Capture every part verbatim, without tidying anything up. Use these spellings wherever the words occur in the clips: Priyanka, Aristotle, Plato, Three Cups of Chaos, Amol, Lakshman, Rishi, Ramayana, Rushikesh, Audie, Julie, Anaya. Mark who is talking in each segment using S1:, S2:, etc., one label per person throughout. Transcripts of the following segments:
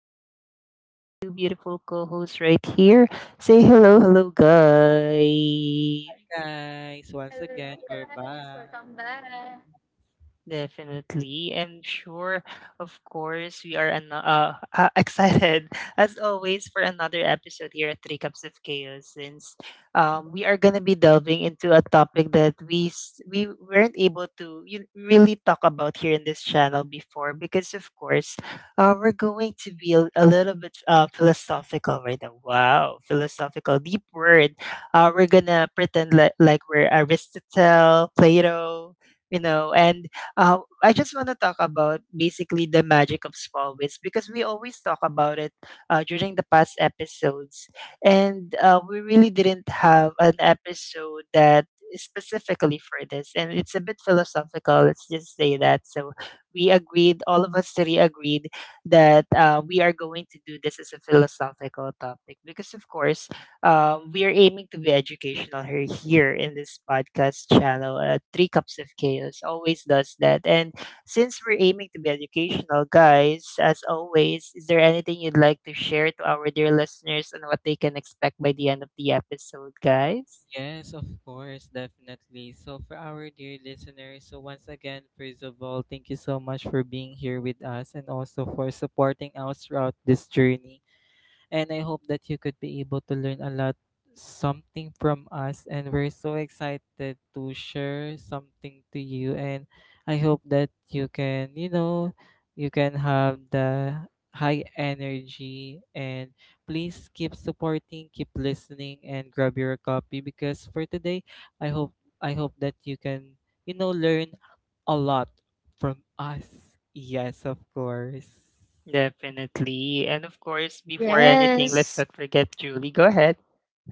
S1: usual, I have my two beautiful co hosts right here. Say hello, hello, guys.
S2: Guys. Once again,
S3: Hello
S2: we're
S3: guys,
S2: back.
S3: welcome back.
S1: Definitely. And sure, of course, we are an- uh, uh, excited as always for another episode here at Three Cups of Chaos since um, we are going to be delving into a topic that we s- we weren't able to y- really talk about here in this channel before because, of course, uh, we're going to be a, a little bit uh, philosophical right now. Wow, philosophical, deep word. Uh, we're going to pretend li- like we're Aristotle, Plato, you know, and uh, I just want to talk about basically the magic of small wins because we always talk about it uh, during the past episodes, and uh, we really didn't have an episode that is specifically for this, and it's a bit philosophical. Let's just say that. So we agreed, all of us three agreed that uh, we are going to do this as a philosophical topic because, of course, um, we are aiming to be educational here, here in this podcast channel. Uh, Three Cups of Chaos always does that. And since we're aiming to be educational, guys, as always, is there anything you'd like to share to our dear listeners and what they can expect by the end of the episode, guys?
S2: Yes, of course, definitely. So, for our dear listeners, so once again, first of all, thank you so much for being here with us and also for supporting us throughout this journey. And I hope that you could be able to learn a lot something from us, and we're so excited to share something to you. And I hope that you can, you know, you can have the high energy and please keep supporting, keep listening and grab your copy because for today I hope I hope that you can, you know, learn a lot from us. Yes, of course.
S1: Definitely. And of course, before anything, let's not
S3: Yes.
S1: forget Julie. Go ahead.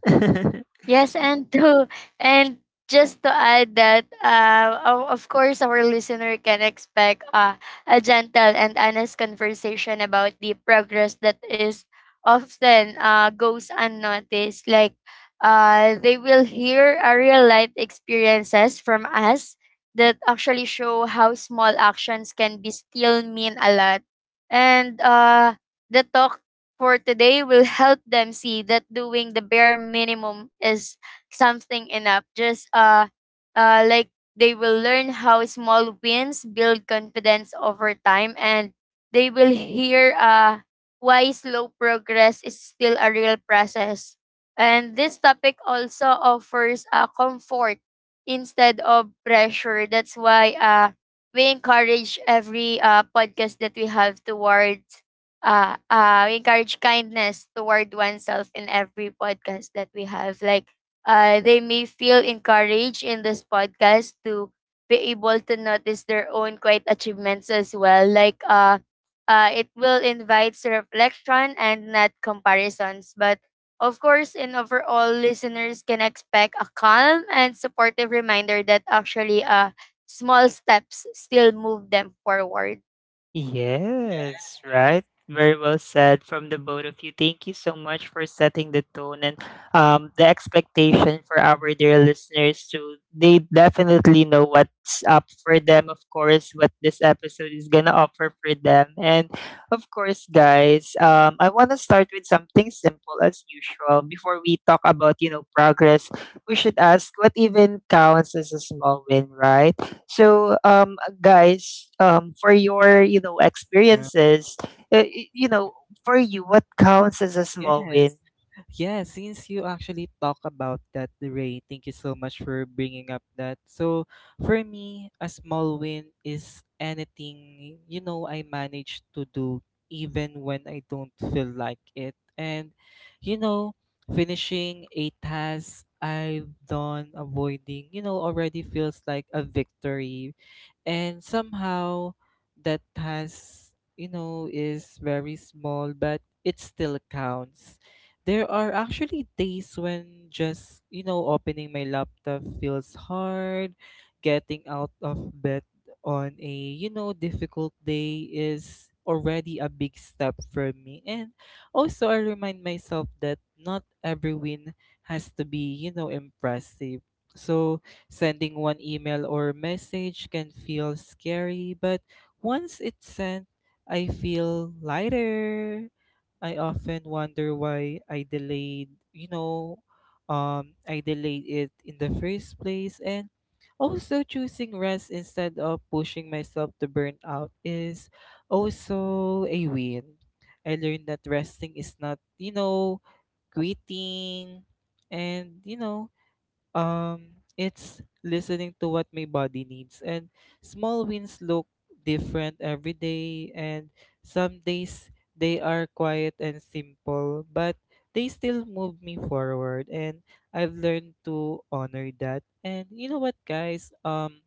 S3: Yes, and to and just to add that uh, o- of course our listener can expect uh, a gentle and honest conversation about the progress that is often uh, goes unnoticed. Like uh, they will hear a real life experiences from us that actually show how small actions can be still mean a lot, and uh, the talk for today will help them see that doing the bare minimum is something enough. Just uh, uh, like They will learn how small wins build confidence over time, and they will hear uh, why slow progress is still a real process. And this topic also offers a comfort instead of pressure. That's why uh, we encourage every uh, podcast that we have towards uh, uh, we encourage kindness toward oneself in every podcast that we have. Like, uh, they may feel encouraged in this podcast to be able to notice their own quiet achievements as well. Like, uh, uh, it will invite reflection and not comparisons. But of course, in overall, listeners can expect a calm and supportive reminder that actually, uh, small steps still move them forward.
S1: Yes,
S2: Yes,
S1: right. Very well said from the both of you. Thank you so much for setting the tone and um, the expectation for our dear listeners to they definitely know what's up for them, of course, what this episode is gonna offer for them. And of course, guys, um, I wanna start with something simple as usual. Before we talk about, you know, progress, we should ask what even counts as a small win, right? So, um, uh, guys, um, for your you know
S2: yeah,
S1: experiences, uh, y- you know, for you, what counts as a small
S2: yes.
S1: win?
S2: Yeah, since you actually talk about that, Ray, thank you so much for bringing up that. So, for me, a small win is anything, you know, I manage to do even when I don't feel like it. And, you know, finishing a task I've done, avoiding, you know, already feels like a victory. And somehow that task, you know, is very small, but it still counts. There are actually days when just, you know, opening my laptop feels hard. Getting out of bed on a, you know, difficult day is already a big step for me. And also, I remind myself that not every win has to be, you know, impressive. So, sending one email or message can feel scary, but once it's sent, I feel lighter. I often wonder why I delayed, you know, um, I delayed it in the first place. And also choosing rest instead of pushing myself to burn out is also a win. I learned that resting is not, you know, quitting and, you know, um, it's listening to what my body needs. And small wins look different every day. And some days they are quiet and simple, but they still move me forward. And I've learned to honor that. And you know what, guys? Um,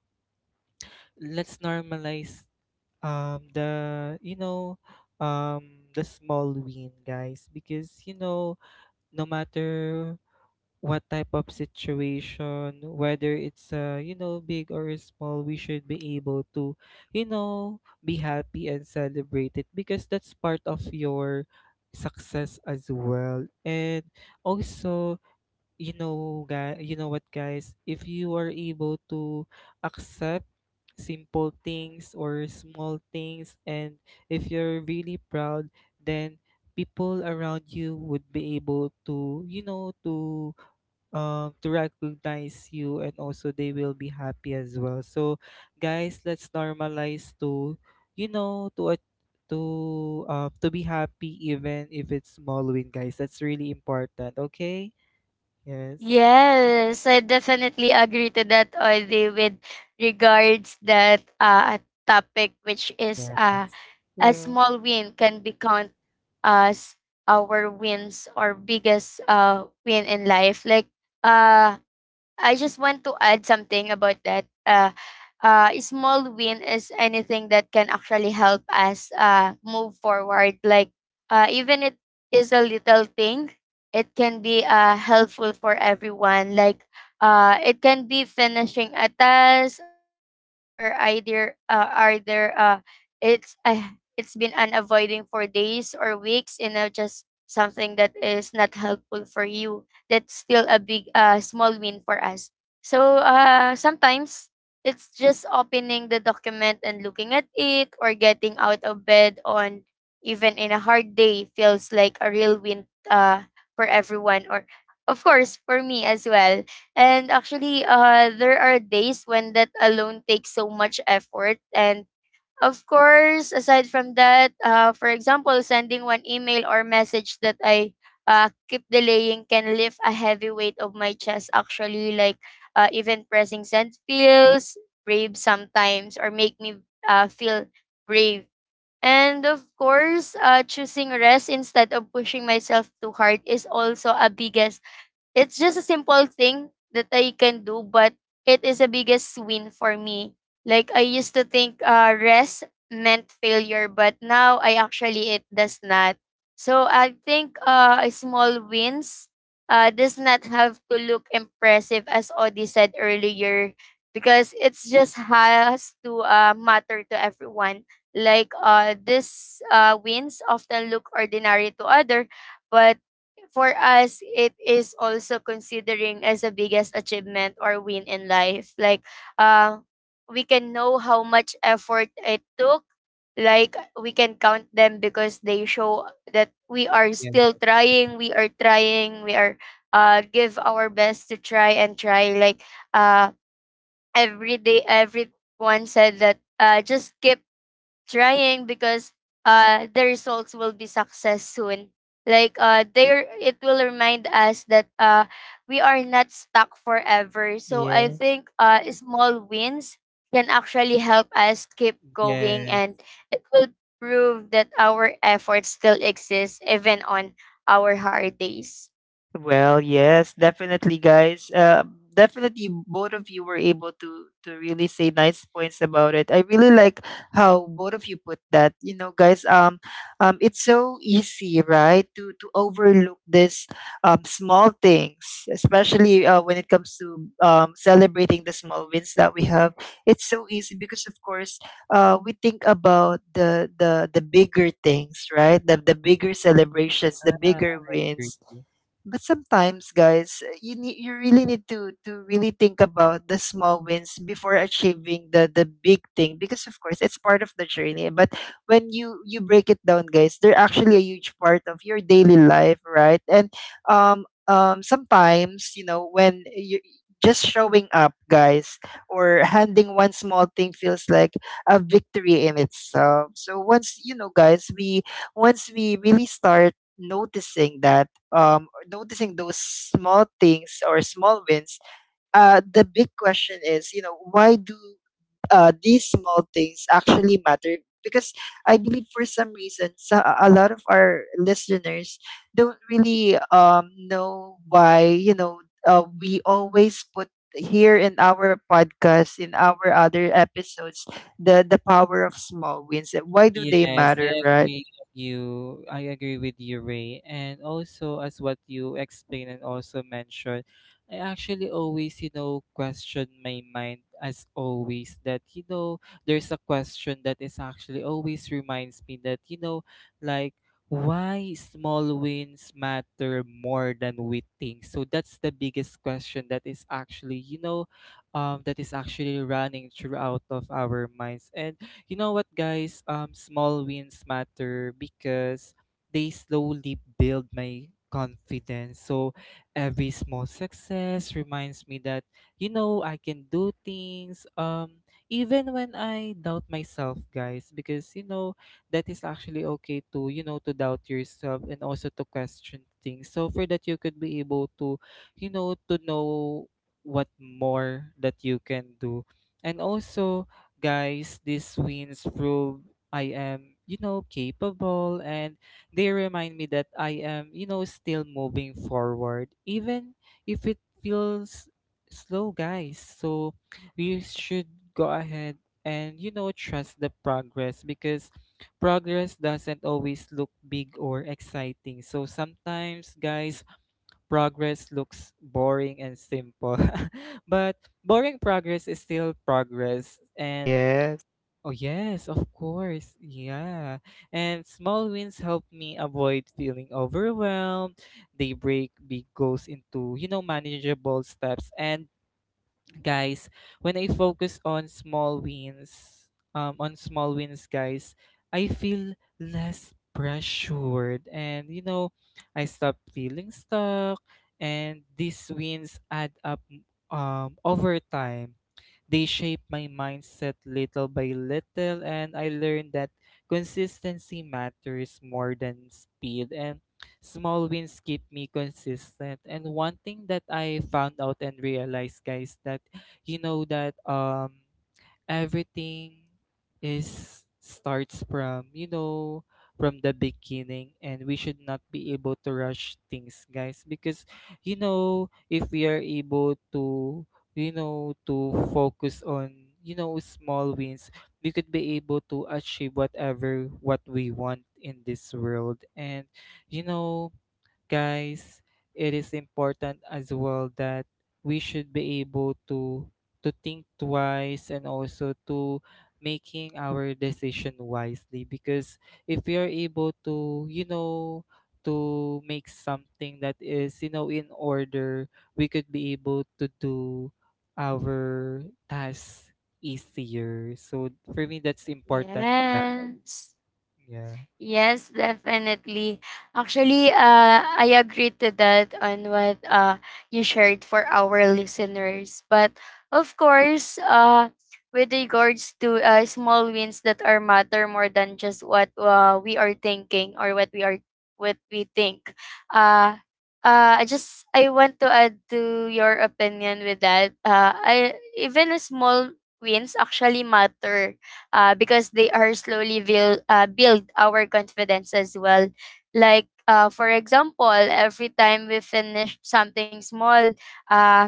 S2: Let's normalize um the you know um the small win, guys, because you know, no matter what type of situation, whether it's uh you know big or small, we should be able to, you know, be happy and celebrate it because that's part of your success as well. And also, you know, guy, you know what, guys, if you are able to accept simple things or small things, and if you're really proud, then people around you would be able to, you know, to um to recognize you, and also they will be happy as well. So guys, let's normalize to, you know, to a- to um to be happy even if it's small win, guys. That's really important, okay? Yes,
S3: Yes, I definitely agree to that, Audie, with regards that uh, topic, which is
S2: yes.
S3: uh,
S2: Thank
S3: a
S2: you.
S3: small win can be count as our wins or biggest uh, win in life. Like uh, I just want to add something about that. Uh, uh, a small win is anything that can actually help us uh, move forward. Like, uh, even it is a little thing, it can be uh, helpful for everyone. Like, uh, it can be finishing a task, or either uh, either uh, it's uh, it's been unavoiding for days or weeks. You know, just something that is not helpful for you, that's still a big uh small win for us. So uh, sometimes it's just opening the document and looking at it, or getting out of bed on even in a hard day feels like a real win uh, for everyone, or of course for me as well. And actually, uh, there are days when that alone takes so much effort. And of course, aside from that, uh, for example, sending one email or message that I uh, keep delaying can lift a heavy weight of my chest, actually. Like, uh, even pressing send feels brave sometimes, or make me uh, feel brave. And of course, uh, choosing rest instead of pushing myself too hard is also a biggest. It's just a simple thing that I can do, but it is the biggest win for me. Like, I used to think uh, rest meant failure, but now I actually it does not. So I think uh, a small wins uh, does not have to look impressive, as Odi said earlier, because it's just has to uh, matter to everyone. Like, uh, these uh, wins often look ordinary to other, but for us, it is also considering as the biggest achievement or win in life. Like, uh, we can know how much effort it took. Like, we can count them because they show that we are
S2: Yeah,
S3: still trying, we are trying, we are uh, give our best to try and try. Like, uh, every day, everyone said that uh, just keep trying because uh the results will be success soon. Like, uh there it will remind us that uh we are not stuck forever. So I
S1: Yeah.
S3: think uh small wins can actually help us keep going,
S2: yes,
S3: and it will prove that our efforts still exist even on our hard days.
S1: Well, yes, definitely, guys. Uh, definitely, both of you were able to to really say nice points about it. I really like how both of you put that. You know, guys. Um, um, it's so easy, right, to to overlook this um small things, especially uh, when it comes to um celebrating the small wins that we have. It's so easy because, of course, uh, we think about the the the bigger things, right? The the bigger celebrations, the
S2: I agree.
S1: bigger
S2: Yeah,
S1: wins,
S2: I agree.
S1: but sometimes, guys, eh, you need you really need to to really think about the small wins before achieving the the big thing because of course it's part of the journey. But when you you break it down, guys, they're actually a huge part of your daily life, right? And um um sometimes you know when you just showing up, guys, or handing one small thing feels like a victory in itself. So once you know, guys, we once we really start noticing that, um, noticing those small things or small wins, uh, the big question is, you know, why do uh, these small things actually matter? Because I believe for some reason, so a lot of our listeners don't really um, know why, you know, uh, we always put here in our podcast, in our other episodes, the, the power of small wins. Why do they
S2: Yes, I
S1: matter, right?
S2: agree with you. I agree with you, Ray. And also, as what you explained and also mentioned, I actually always, you know, question my mind as always that, you know, there's a question that is actually always reminds me that, you know, like why small wins matter more than we think. So that's the biggest question that is actually, you know, um, that is actually running throughout of our minds. And you know what, guys? Um, small wins matter because they slowly build my confidence. So every small success reminds me that you know I can do things. Um, even when I doubt myself, guys, because you know that is actually okay to you know to doubt yourself and also to question things. So for that, you could be able to, you know, to know what more that you can do. And also, guys, these wins prove I am, you know, capable, and they remind me that I am, you know, still moving forward, even if it feels slow, guys. So we should go ahead and, you know, trust the progress because progress doesn't always look big or exciting. So sometimes, guys, progress looks boring and simple. But boring progress is still progress. And
S1: Yes.
S2: oh, yes, of course. Yeah. And small wins help me avoid feeling overwhelmed. They break big goals into, you know, manageable steps. And guys, when I focus on small wins, um, on small wins, guys, I feel less pressured, and you know, I stop feeling stuck, and these wins add up, um, over time. They shape my mindset little by little, and I learned that consistency matters more than speed, and small wins keep me consistent. And one thing that I found out and realized, guys, that you know that um everything is starts from you know from the beginning, and we should not be able to rush things, guys, because you know if we are able to, you know, to focus on, you know, small wins, we could be able to achieve whatever what we want in this world. And you know, guys, it is important as well that we should be able to to think twice and also to making our decision wisely, because if we are able to, you know, to make something that is, you know, in order, we could be able to do our tasks easier. So for me, that's important.
S3: Yes.
S2: Yeah,
S3: Yes, definitely. Actually, uh, I agree to that on what uh, you shared for our listeners. But of course, uh, with regards to uh, small wins that are matter more than just what uh, we are thinking or what we are what we think. Uh, uh, I just I want to add to your opinion with that. Uh, I even a small wins actually matter uh, because they are slowly build, uh, build our confidence as well. Like, uh, for example, every time we finish something small, uh,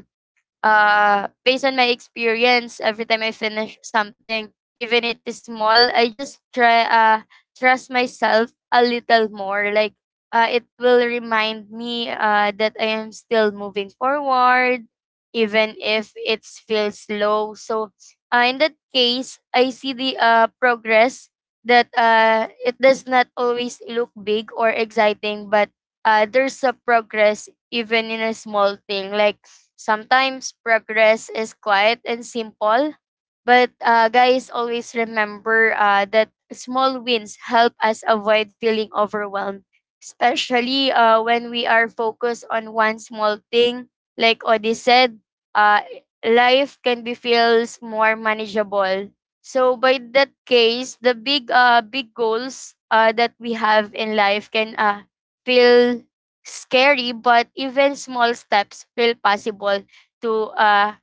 S3: uh, based on my experience, every time I finish something, even it is small, I just try uh trust myself a little more. Like, uh, it will remind me uh that I am still moving forward, even if it feels slow. So uh, in that case, I see the uh progress that uh it does not always look big or exciting, but uh, there's a progress even in a small thing. Like, sometimes progress is quiet and simple, but uh, guys, always remember uh, that small wins help us avoid feeling overwhelmed, especially uh, when we are focused on one small thing. Like Odi said, uh, life can be feels more manageable. So by that case, the big uh big goals uh that we have in life can uh feel scary, but even small steps feel possible to uh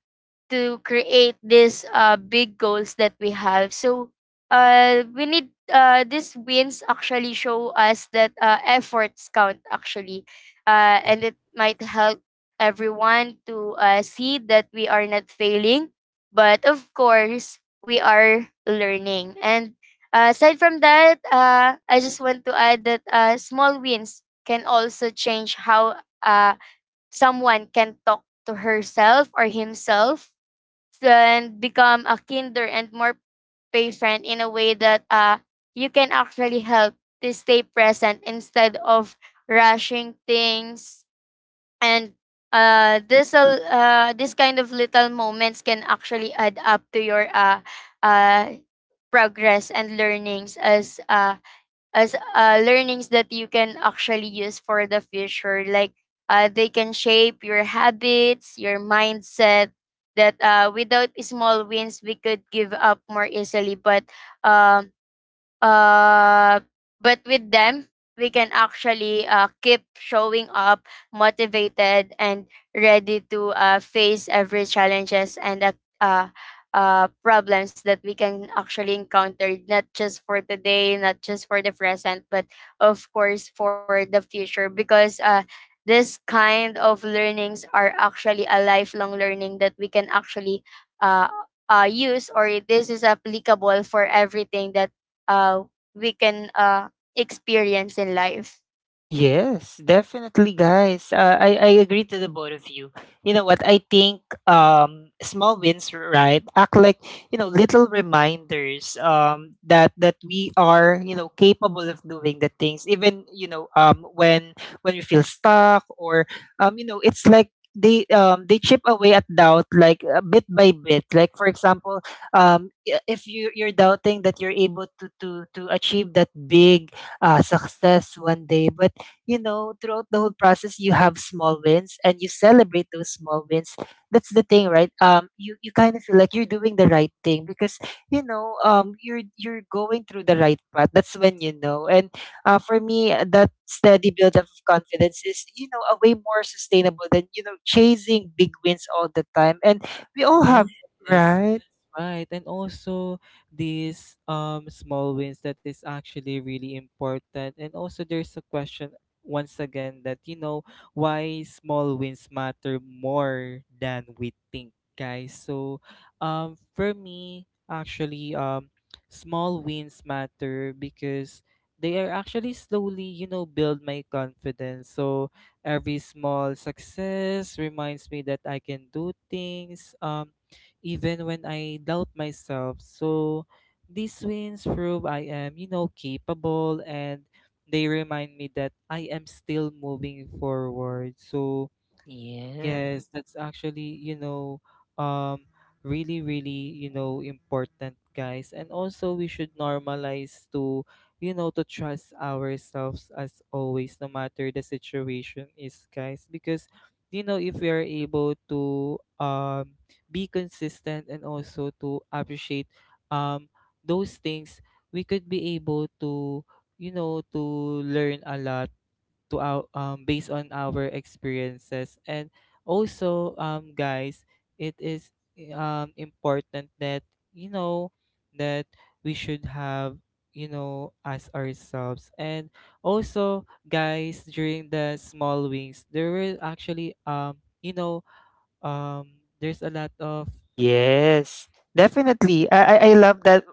S3: to create these uh, big goals that we have. So uh, we need uh, these wins actually show us that uh, efforts count actually, uh,
S2: yeah.
S3: and it might help everyone to uh, see that we are not failing, but of course we are learning. And uh, aside from that, uh, I just want to add that uh, small wins can also change how uh, someone can talk to herself or himself and become a kinder and more patient in a way that uh, you can actually help to stay present instead of rushing things, and uh, this al- uh, this kind of little moments can actually add up to your uh, uh, progress and learnings as uh, as uh, learnings that you can actually use for the future. Like, uh, they can shape your habits, your mindset. That uh, without small wins, we could give up more easily. But um, Uh, but with them, we can actually uh, keep showing up motivated and ready to uh, face every challenges and uh, uh, uh, problems that we can actually encounter, not just for today, not just for the present, but of course for the future. Because uh, this kind of learnings are actually a lifelong learning that we can actually uh, uh, use, or this is applicable for everything that uh, we can uh, experience in life.
S1: Yes, definitely, guys. Uh, I I agree to the both of you. You know what? I think um small wins, right, act like you know little reminders um that that we are you know capable of doing the things even you know um when when we feel stuck or um you know it's like they um they chip away at doubt like uh, bit by bit. Like for example, um i- if you you're doubting that you're able to to to achieve that big uh, success one day. But you know, throughout the whole process, you have small wins and you celebrate those small wins. That's the thing, right? Um, you, you kind of feel like you're doing the right thing because, you know, um, you're, you're going through the right path. That's when you know. And uh, for me, uh, that steady buildup of confidence is, you know, a way more sustainable than, you know, chasing big wins all the time. And we all have,
S2: Yes,
S1: right?
S2: right. And also, these um small wins that is actually really important. And also, there's a question once again that you know why small wins matter more than we think, guys. So um for me actually um small wins matter because they are actually slowly, you know, build my confidence. So every small success reminds me that I can do things, um, even when I doubt myself. So these wins prove I am, you know, capable, and they remind me that I am still moving forward. So yes,
S1: Yes.
S2: that's actually, you know, um, really, really, you know, important, guys. And also, we should normalize to, you know, to trust ourselves as always, no matter the situation is, guys. Because, you know, if we are able to um, be consistent and also to appreciate um, those things, we could be able to, you know, to learn a lot to our um, based on our experiences. And also, um guys, it is um important that you know that we should have you know as ourselves. And also, guys, during the small wings, there were actually um you know um there's a lot of
S1: Yes, definitely. I, I I love that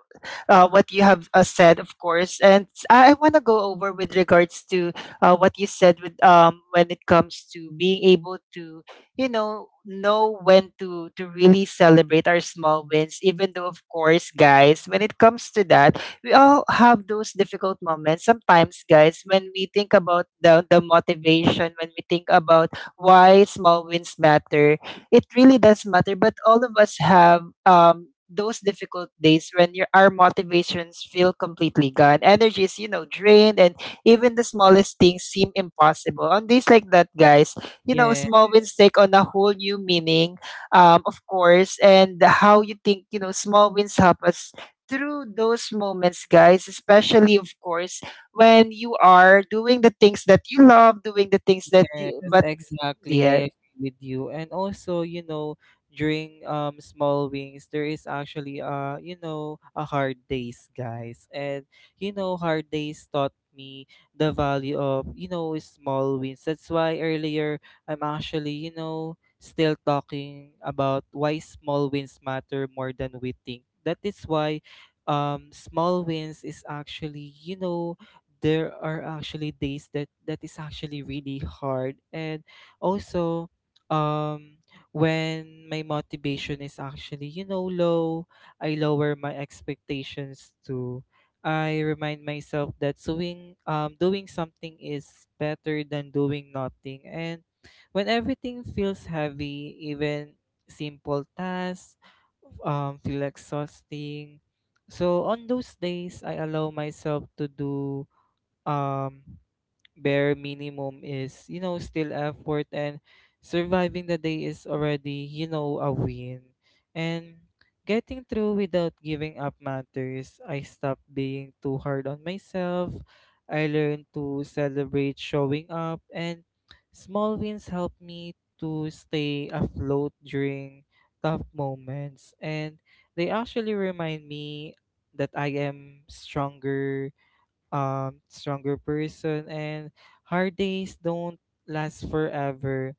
S1: uh, what you have uh, said, of course. And s- I, want to go over with regards to uh, what you said with um, when it comes to being able to, you know, know when to to really celebrate our small wins. Even though, of course, guys, when it comes to that, we all have those difficult moments. Sometimes, guys, when we think about the the motivation, when we think about why small wins matter, it really does matter. But all of us have um, those difficult days when your, our motivations feel completely gone. Energy is, you know, drained, and even the smallest things seem impossible. On days like that, guys, you know,
S2: yeah.
S1: small wins take on a whole new meaning, um, of course, and how you think, you know, small wins help us through those moments, guys, especially of course when you are doing the things that you love, doing the things that you
S2: Yes,
S1: but
S2: exactly.
S1: yeah.
S2: I agree with you. And also, you know, during um small wings, there is actually uh, you know, a hard days, guys. And you know, hard days taught me the value of, you know, small wins. That's why earlier I'm actually, you know, still talking about why small wins matter more than we think. That is why um small wins is actually, you know, there are actually days that that is actually really hard. And also, um when my motivation is actually, you know, low, I lower my expectations too. I remind myself that doing um doing something is better than doing nothing, and when everything feels heavy, even simple tasks um feel exhausting. So on those days, I allow myself to do um bare minimum is, you know, still effort, and surviving the day is already, you know, a win. And getting through without giving up matters. I stopped being too hard on myself. I learned to celebrate showing up, and small wins help me to stay afloat during tough moments. And they actually remind me that I am stronger, um stronger person, and hard days don't last forever.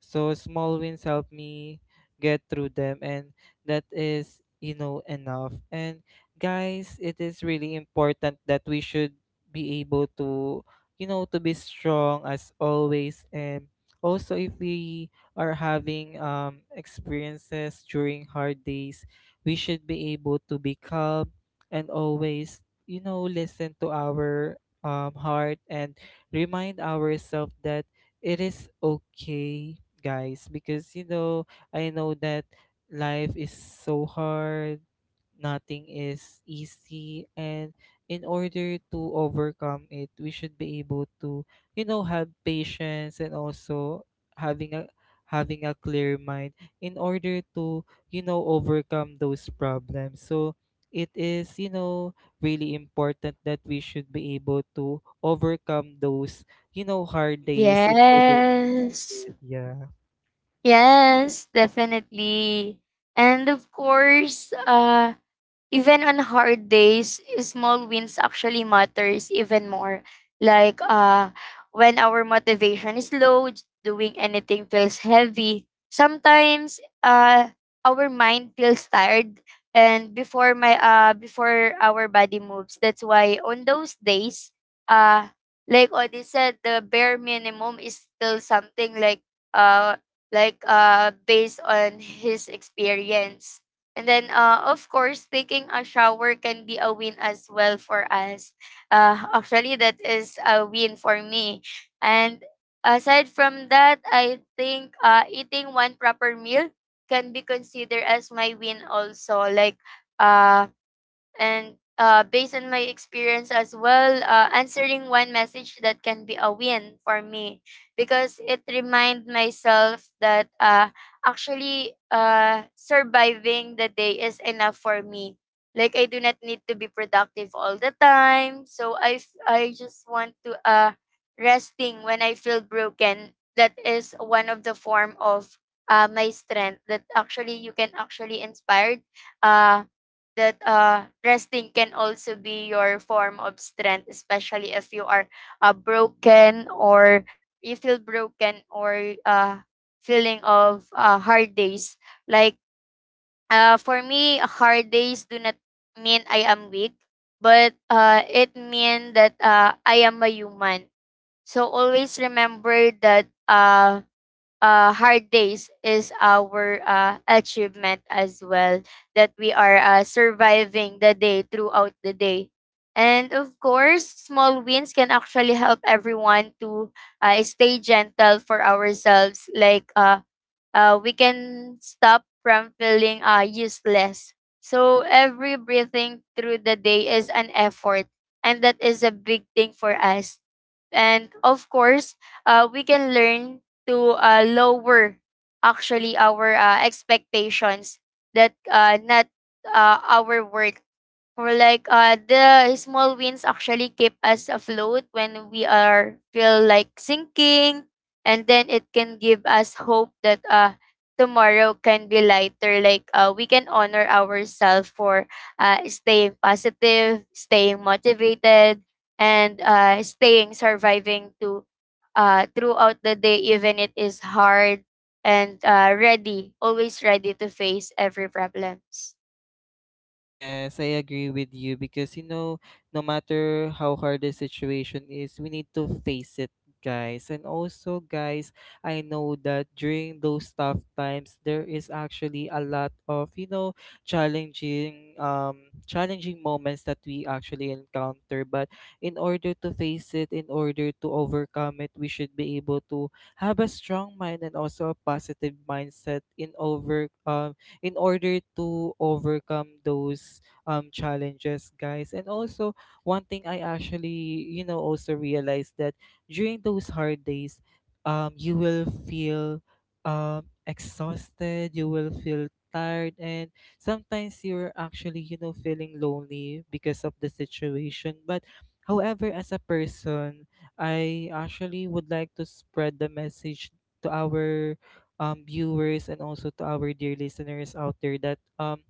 S2: So small wins help me get through them, and that is, you know, enough. And guys, it is really important that we should be able to, you know, to be strong as always. And also, if we are having um experiences during hard days, we should be able to be calm and always, you know, listen to our um heart, and remind ourselves that it is okay, guys, because you know, I know that life is so hard, nothing is easy, and in order to overcome it, we should be able to, you know, have patience, and also having a having a clear mind in order to, you know, overcome those problems. So it is, you know, really important that we should be able to overcome those, you know, hard days in order
S3: Yes.
S2: to yeah.
S3: Yes, definitely. And of course, uh, even on hard days, small wins actually matters even more. Like, uh when our motivation is low, j- doing anything feels heavy. Sometimes uh our mind feels tired and before my uh before our body moves. That's why on those days, uh like Odi said, the bare minimum is still something. like uh like uh Based on his experience, and then, uh, of course, taking a shower can be a win as well for us. Uh, actually, that is a win for me. And aside from that, I think uh, eating one proper meal can be considered as my win also. Like, uh, and uh, based on my experience as well, uh, answering one message that can be a win for me, because it remind myself that uh, actually uh, surviving the day is enough for me. Like, I do not need to be productive all the time. So I, f- I just want to uh, resting when I feel broken. That is one of the form of uh, my strength, that actually you can actually inspired uh, that uh, resting can also be your form of strength, especially if you are uh, broken, or you feel broken, or uh, feeling of uh, hard days. Like, uh, for me, hard days do not mean I am weak, but uh, it means that uh, I am a human. So always remember that uh, uh, hard days is our uh, achievement as well, that we are uh, surviving the day throughout the day. And of course, small wins can actually help everyone to uh, stay gentle for ourselves. Like, uh, uh, we can stop from feeling uh, useless. So every breathing through the day is an effort, and that is a big thing for us. And of course, uh, we can learn to uh, lower actually our uh, expectations, that uh, not uh, our worth. Or like, uh the small wins actually keep us afloat when we are feel like sinking, and then it can give us hope that uh tomorrow can be lighter. Like, uh we can honor ourselves for uh staying positive, staying motivated, and uh staying surviving to uh throughout the day, even it is hard, and uh ready, always ready to face every problems.
S2: Yes, I agree with you, because you know, no matter how hard the situation is, we need to face it, guys. And also, guys, I know that during those tough times, there is actually a lot of, you know, challenging um challenging moments that we actually encounter. But in order to face it, in order to overcome it, we should be able to have a strong mind and also a positive mindset in over um in order to overcome those um, challenges, guys. And also, one thing I actually, you know, also realized that during those hard days, um, you will feel um, exhausted, you will feel tired, and sometimes you're actually, you know, feeling lonely because of the situation. But however, as a person, I actually would like to spread the message to our um, viewers and also to our dear listeners out there that um,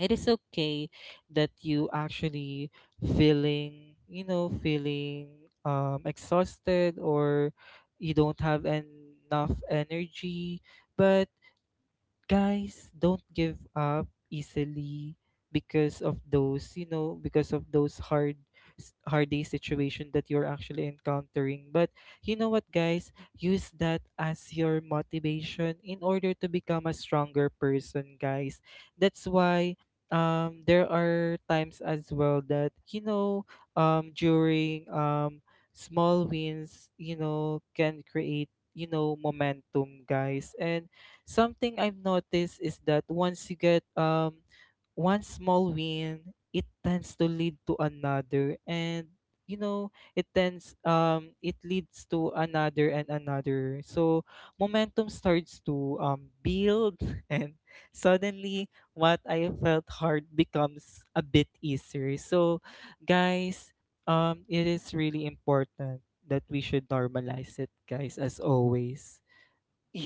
S2: it is okay that you actually feeling you know feeling um, exhausted or you don't have enough energy, but guys, don't give up easily because of those you know because of those hard s- hard day situation that you're actually encountering. But you know what, guys? Use that as your motivation in order to become a stronger person, guys. That's why um there are times as well that you know um during um small wins, you know, can create, you know, momentum, guys. And something I've noticed is that once you get um one small win, it tends to lead to another. And you know, it tends um it leads to another and another. So momentum starts to um build and suddenly what I felt hard becomes a bit easier. So guys, um it is really important that we should normalize it, guys, as always.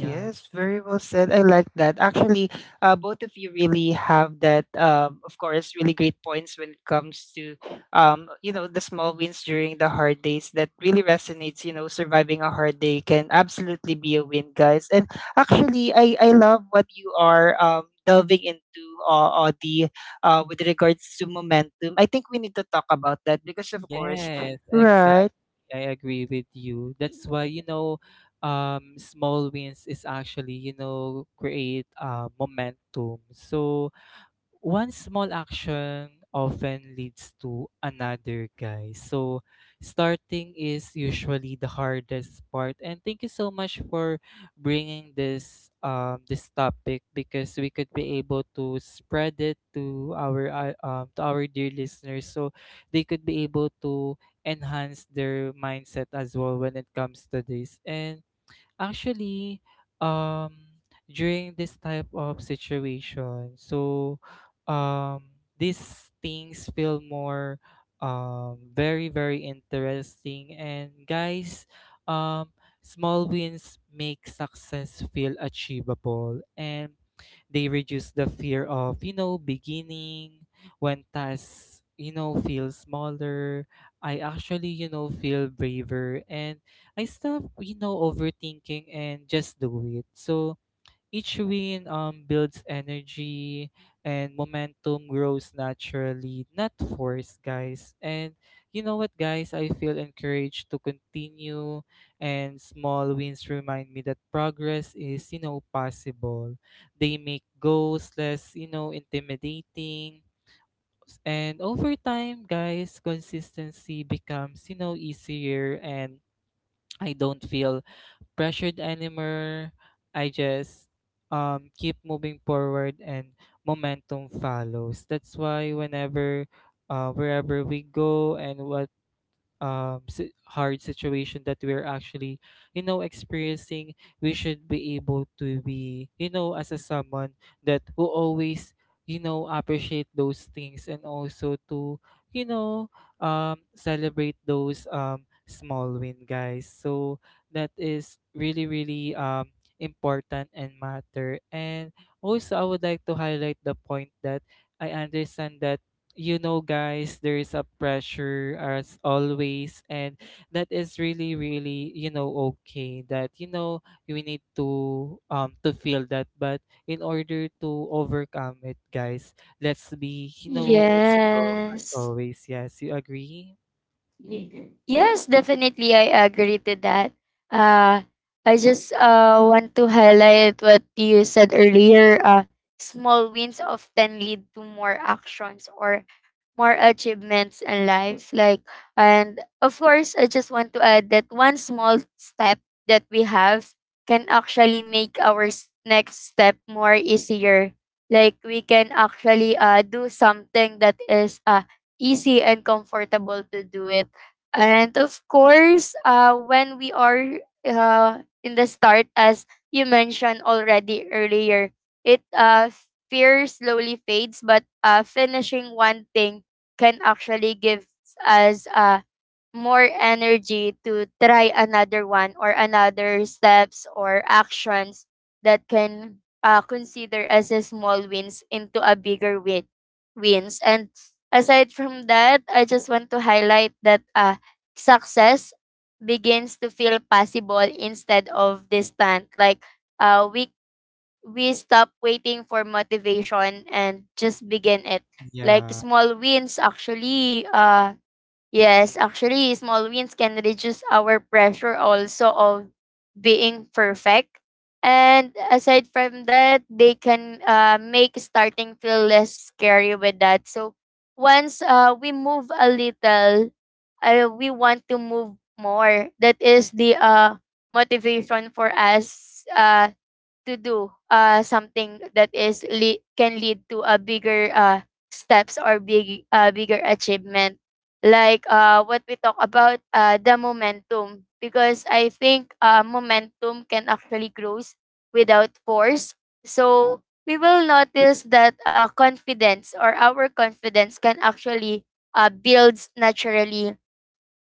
S2: Yeah.
S1: very well said. I like that. Actually, uh, both of you really have that, um, of course, really great points when it comes to, um, you know, the small wins during the hard days that really resonates. You know, surviving a hard day can absolutely be a win, guys. And actually, I, I love what you are um, delving into uh, uh, the uh, with regards to momentum. I think we need to talk about that because, of course,
S2: Yes,
S1: right?
S2: exactly. I agree with you. That's why, you know, um, small wins is actually, you know, create uh, momentum. So, one small action often leads to another, guys. So, starting is usually the hardest part. And thank you so much for bringing this um this topic because we could be able to spread it to our uh, um to our dear listeners so they could be able to enhance their mindset as well when it comes to this. And actually, um, during this type of situation, so um, these things feel more um, very, very interesting. And guys, um, small wins make success feel achievable and they reduce the fear of, you know, beginning when tasks, you know, feel smaller. I actually, you know, feel braver and I stop, you know, overthinking and just do it. So each win um builds energy and momentum grows naturally, not forced, guys. And you know what, guys? I feel encouraged to continue and small wins remind me that progress is, you know, possible. They make goals less, you know, intimidating. And over time, guys, consistency becomes, you know, easier and I don't feel pressured anymore. I just um keep moving forward and momentum follows. That's why whenever uh wherever we go and what um si- hard situation that we're actually, you know, experiencing, we should be able to be, you know, as a someone that will always, you know, appreciate those things and also to, you know, um celebrate those um small win, guys. So that is really, really um important and matter. And also, I would like to highlight the point that I understand that, you know, guys, there is a pressure as always, and that is really, really, you know, okay that, you know, we need to um to feel that. But in order to overcome it, guys, let's be, you know, strong as
S3: Yes.
S2: always. Yes, you agree?
S3: Yes, Yes, definitely. I agree to that. Uh, I just uh, want to highlight what you said earlier. Uh, small wins often lead to more actions or more achievements in life. Like, and of course, I just want to add that one small step that we have can actually make our s- next step more easier. Like, we can actually uh, do something that is uh, easy and comfortable to do it. And of course, uh, when we are uh, in the start, as you mentioned already earlier, it uh, fear slowly fades, but uh, finishing one thing can actually give us uh, more energy to try another one or another steps or actions that can uh, consider as a small wins into a bigger win wins and aside from that I just want to highlight that uh, success begins to feel possible instead of distant. like uh, we we stop waiting for motivation and just begin it. Like
S2: Yeah.
S3: small wins actually uh Yes, actually, small wins can reduce our pressure also of being perfect. And aside from that, they can uh, make starting feel less scary with that. So once uh, we move a little, uh, we want to move more. That is the uh, motivation for us. Uh, to do uh something that is le- can lead to a bigger uh steps or big uh, bigger achievement, like uh what we talk about uh the momentum, because I think uh momentum can actually grows without force. So we will notice that uh confidence or our confidence can actually uh builds naturally.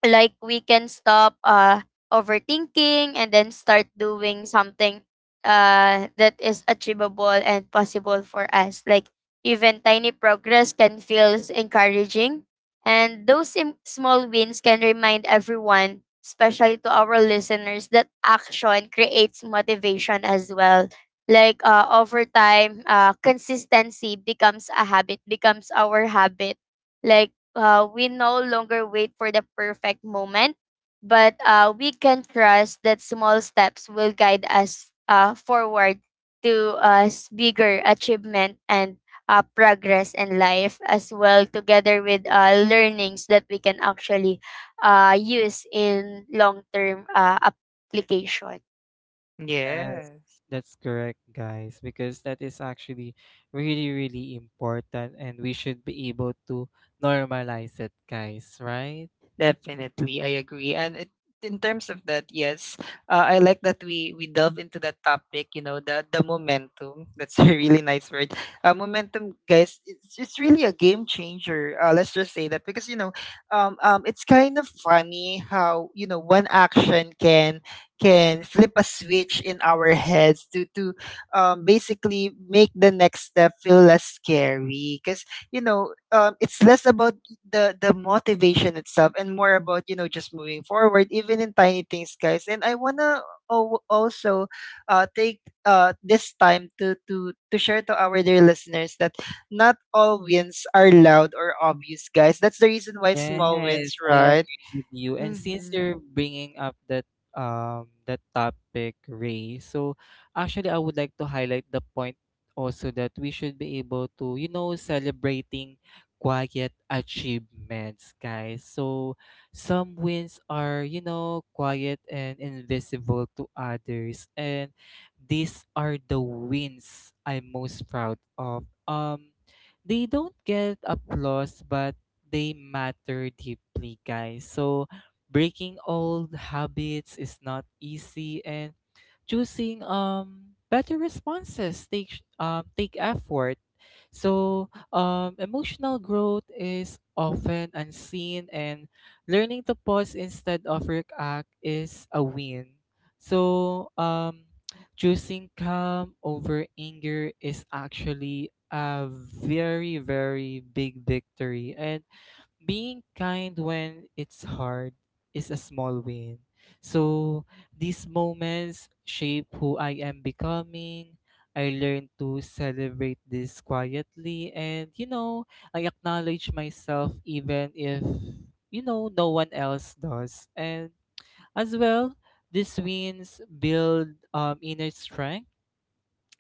S3: Like we can stop uh overthinking and then start doing something uh that is achievable and possible for us. Like even tiny progress can feel encouraging, and those sim- small wins can remind everyone, especially to our listeners, that action creates motivation as well. Like uh, over time uh, consistency becomes a habit, becomes our habit. Like uh, we no longer wait for the perfect moment, but uh, we can trust that small steps will guide us uh, forward to us bigger achievement and uh, progress in life as well, together with uh, learnings that we can actually uh, use in long-term uh, application.
S2: Yes,
S1: Yes.
S2: that's correct, guys, because that is actually really, really important, and we should be able to normalize it, guys, right?
S1: Definitely, I agree. And it, in terms of that, yes, uh, I like that we we delve into that topic. You know, the the momentum. That's a really nice word. Uh, momentum, guys. It's it's really a game changer. Uh, let's just say that because you know, um, um, it's kind of funny how you know one action can can flip a switch in our heads to to um basically make the next step feel less scary because you know um it's less about the the motivation itself and more about you know just moving forward even in tiny things, guys. And I want to also uh, take uh, this time to to to share to our dear listeners that not all wins are loud or obvious, guys. That's the reason why small
S2: Yes,
S1: wins
S2: I
S1: right.
S2: agree with you. And since
S1: Mhm.
S2: you're bringing up that um that topic, Ray, so actually I would like to highlight the point also that we should be able to, you know, celebrating quiet achievements, guys. So some wins are, you know, quiet and invisible to others, and these are the wins I'm most proud of. Um, they don't get applause, but they matter deeply, guys. So, breaking old habits is not easy, and choosing um better responses take sh- um take effort. So, um, emotional growth is often unseen, and learning to pause instead of react is a win. So, um, choosing calm over anger is actually a very, very big victory. And being kind when it's hard is a small win. So these moments shape who I am becoming. I learn to celebrate this quietly and, you know, I acknowledge myself even if, you know, no one else does. And as well, these wins build um, inner strength,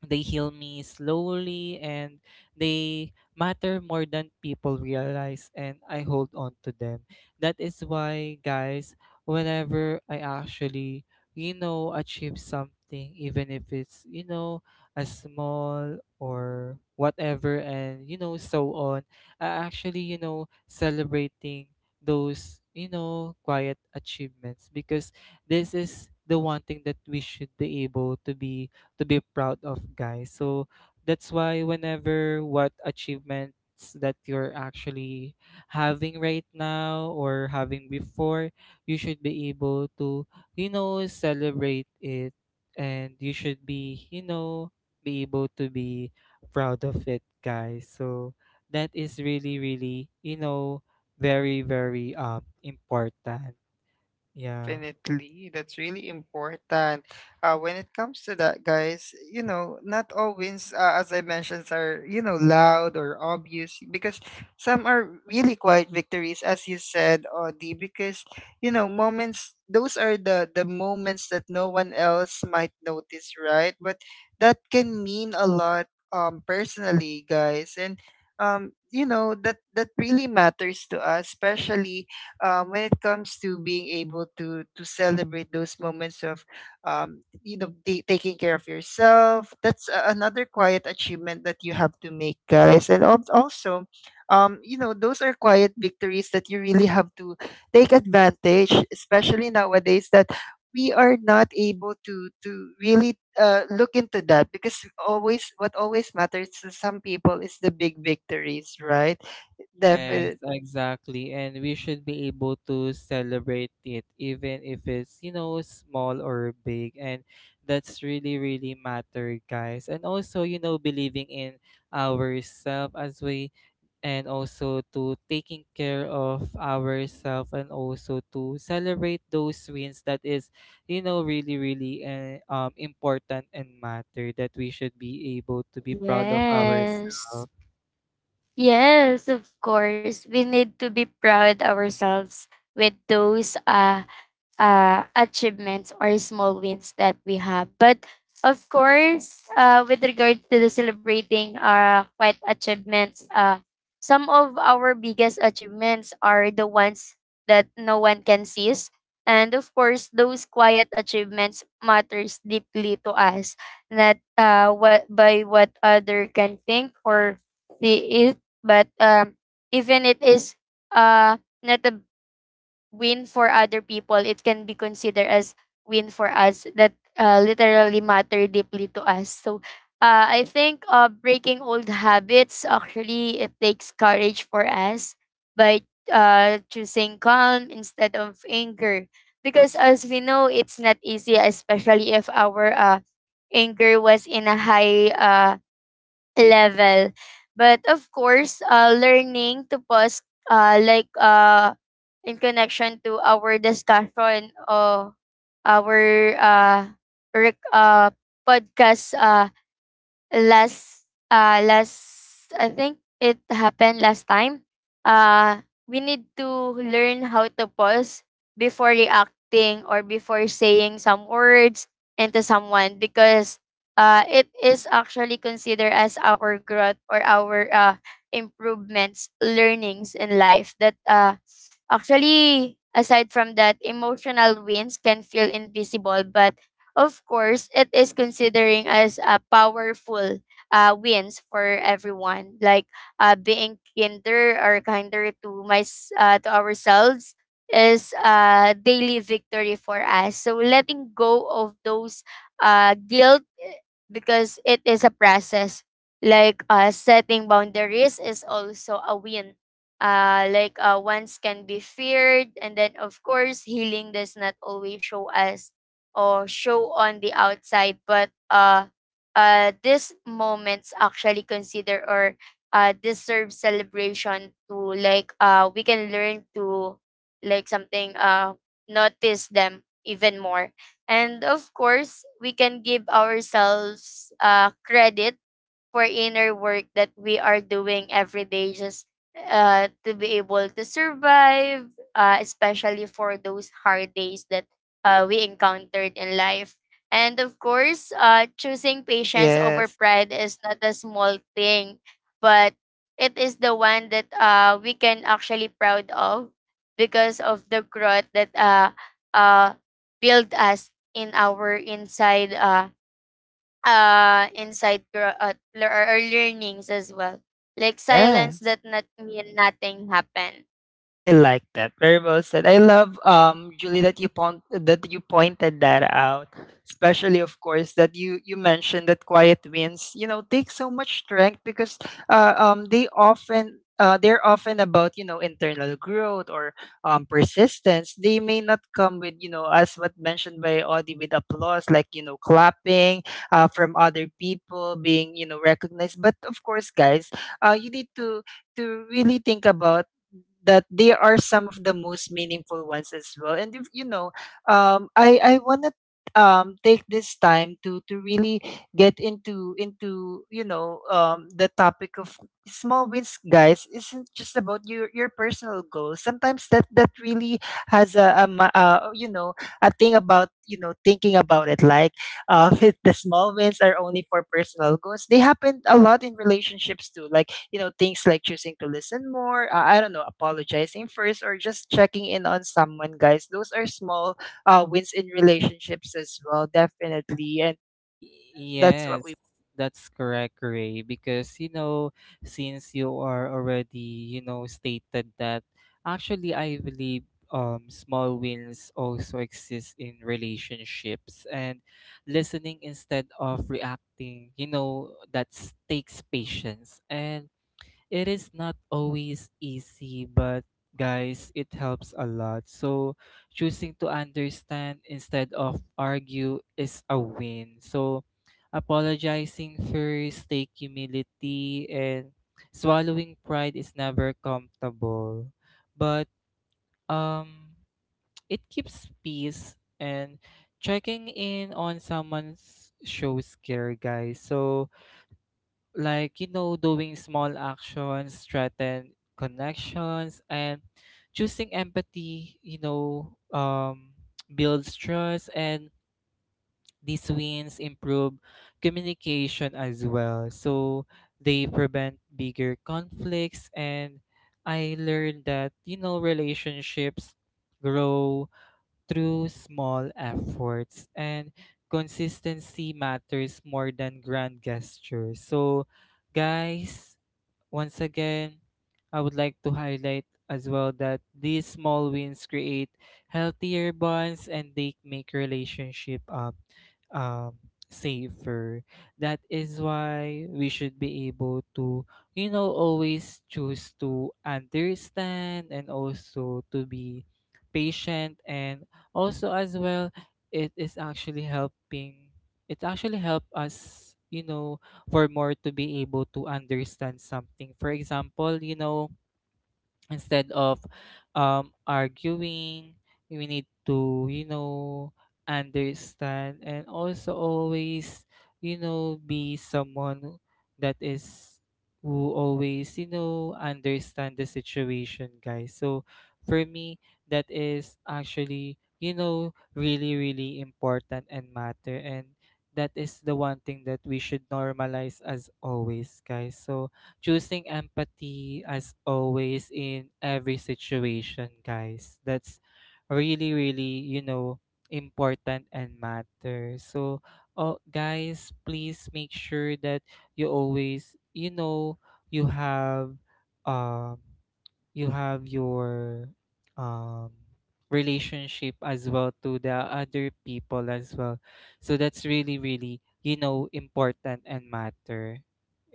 S2: they heal me slowly, and they matter more than people realize, and I hold on to them. That is why, guys, whenever I actually, you know, achieve something, even if it's, you know, a small or whatever and you know so on, I actually, you know, celebrating those, you know, quiet achievements because this is the one thing that we should be able to be to be proud of, guys. So that's why whenever what achievements that you're actually having right now or having before, you should be able to, you know, celebrate it, and you should be, you know, be able to be proud of it, guys. So that is really, really, you know, very, very um important. Yeah.
S1: Definitely, that's really important. Uh, when it comes to that, guys, you know, not all wins, uh, as I mentioned, are you know loud or obvious because some are really quiet victories, as you said, Audie. Because you know, moments those are the the moments that no one else might notice, right? But that can mean a lot, um, personally, guys, and um, you know that that really matters to us, especially um, when it comes to being able to to celebrate those moments of um, you know ta- taking care of yourself. That's a- another quiet achievement that you have to make, guys. And al- also um, you know those are quiet victories that you really have to take advantage, especially nowadays that we are not able to to really uh, look into that because always what always matters to some people is the big victories right.
S2: Yes,
S1: Definitely.
S2: exactly. And we should be able to celebrate it, even if it's, you know, small or big. And that's really, really matter, guys. And also, you know, believing in ourselves as we, and also to taking care of ourselves, and also to celebrate those wins that is, you know, really, really uh, um, important and matter, that we should be able to be proud of ourselves.
S3: Yes. Yes, of course we need to be proud ourselves with those uh uh, achievements or small wins that we have. But of course, uh, with regard to the celebrating our quite achievements, uh, some of our biggest achievements are the ones that no one can seize. And of course, those quiet achievements matters deeply to us, not uh, what by what other can think or see it, but um, even it is uh, not a win for other people, it can be considered as win for us that uh, literally matter deeply to us. So uh, I think uh, breaking old habits actually it takes courage for us by uh, choosing calm instead of anger. Because as we know, it's not easy, especially if our uh, anger was in a high uh, level. But of course, uh, learning to pause, uh, like uh, in connection to our discussion or our uh, rec- uh, podcast, uh, last uh last I think it happened last time. Uh we need to learn how to pause before reacting or before saying some words into someone, because uh it is actually considered as our growth or our uh improvements, learnings in life that uh actually. Aside from that, emotional wins can feel invisible, but of course, it is considering as a powerful uh, wins for everyone, like uh, being kinder or kinder to my s- uh, to ourselves is a daily victory for us. So letting go of those uh, guilt eh, because it is a process. Like uh, setting boundaries is also a win, uh, like uh, ones can be feared, and then of course healing does not always show as or show on the outside, but uh uh these moments actually consider or uh deserve celebration to. Like uh we can learn to like something uh notice them even more, and of course we can give ourselves uh credit for inner work that we are doing every day, just uh, to be able to survive, uh, especially for those hard days that uh, we encountered in life. And of course, uh, choosing patience over
S1: Yes.
S3: pride is not a small thing, but it is the one that uh, we can actually proud of, because of the growth that uh, uh, build us in our inside uh, uh, insight your uh, lear- or learnings as well. Like silence
S1: Yes,
S3: that not mean nothing happened.
S1: I like that. Very well said. I love um Julie that you point that you pointed that out. Especially of course that you you mentioned that quiet wins, you know, take so much strength because uh, um they often uh, they're often about you know internal growth or um, persistence. They may not come with you know as what mentioned by Audie with applause like you know clapping uh, from other people being you know recognized, but of course guys uh, you need to to really think about that they are some of the most meaningful ones as well. And if, you know, um, I I wanna um take this time to to really get into into you know um the topic of small wins, guys, isn't just about your your personal goals. Sometimes that that really has a, a, ma- uh you know a thing about you know thinking about it like uh, if the small wins are only for personal goals, they happen a lot in relationships too. Like, you know, things like choosing to listen more, uh, I don't know, apologizing first, or just checking in on someone, guys. Those are small uh, wins in relationships as well, definitely. And
S2: Y
S1: th- that's what
S2: yes,
S1: we
S2: that's correct, Ray, because you know, since you are already, you know, stated that, actually I believe um small wins also exist in relationships, and listening instead of reacting, you know, that takes patience, and it is not always easy, but guys, it helps a lot. So, choosing to understand instead of argue is a win. So, apologizing first, take humility, and swallowing pride is never comfortable. But um, it keeps peace, and checking in on someone's shows care, guys. So, like, you know, doing small actions strengthen connections, and choosing empathy, you know, um, builds trust, and these wins improve communication as well. So they prevent bigger conflicts, and I learned that, you know, relationships grow through small efforts, and consistency matters more than grand gestures. So, guys, once again, I would like to highlight as well that these small wins create healthier bonds and they make relationship um, um, safer. That is why we should be able to, you know, always choose to understand and also to be patient. And also as well, it is actually helping, it actually help us, you know, for more to be able to understand something. For example, you know, instead of um, arguing, we need to, you know, understand and also always, you know, be someone that is who always, you know, understand the situation, guys. So for me, that is actually, you know, really, really important and matter, and that is the one thing that we should normalize as always, guys. So choosing empathy as always in every situation, guys. That's really, really, you know, important and matter. So, oh, guys, please make sure that you always, you know, you have, um, you have your, um, relationship as well to the other people as well. So that's really, really, you know, important and matter.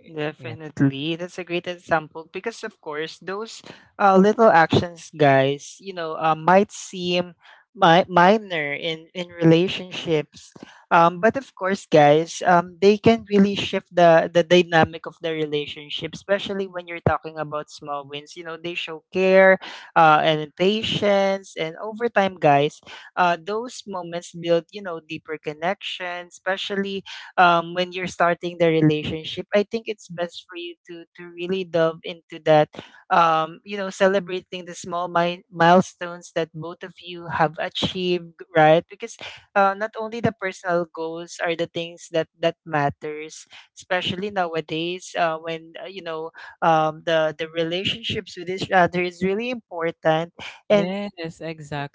S1: Definitely. That's a great example because of course those uh, little actions guys, you know, uh, might seem mi- minor in in relationships. Um but of course guys, um they can really shift the the dynamic of the relationship, especially when you're talking about small wins. You know, they show care uh and patience, and over time guys, uh those moments build, you know, deeper connection, especially um, when you're starting the relationship, I think it's best for you to to really delve into that. Um, you know, celebrating the small mi- milestones that both of you have achieved, right? Because uh, not only the personal goals are the things that that matters, especially nowadays uh, when uh, you know um, the the relationships with each other is really important. And
S2: Yes,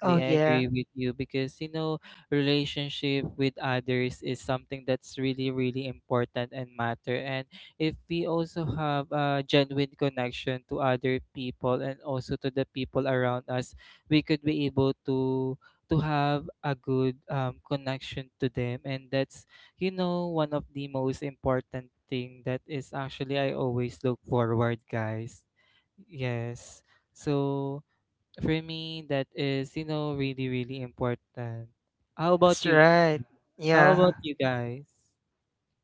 S1: oh
S2: I
S1: yeah,
S2: agree with you because, you know, relationship with others is something that's really, really important and matter. And if we also have a genuine connection to other people and also to the people around us, we could be able to to have a good um, connection to them. And that's, you know, one of the most important thing that is actually I always look forward, guys. Yes. So for me, that is, you know, really, really important. How about
S1: that's
S2: you? gu-
S1: right.
S2: How
S1: Yeah.
S2: about you guys?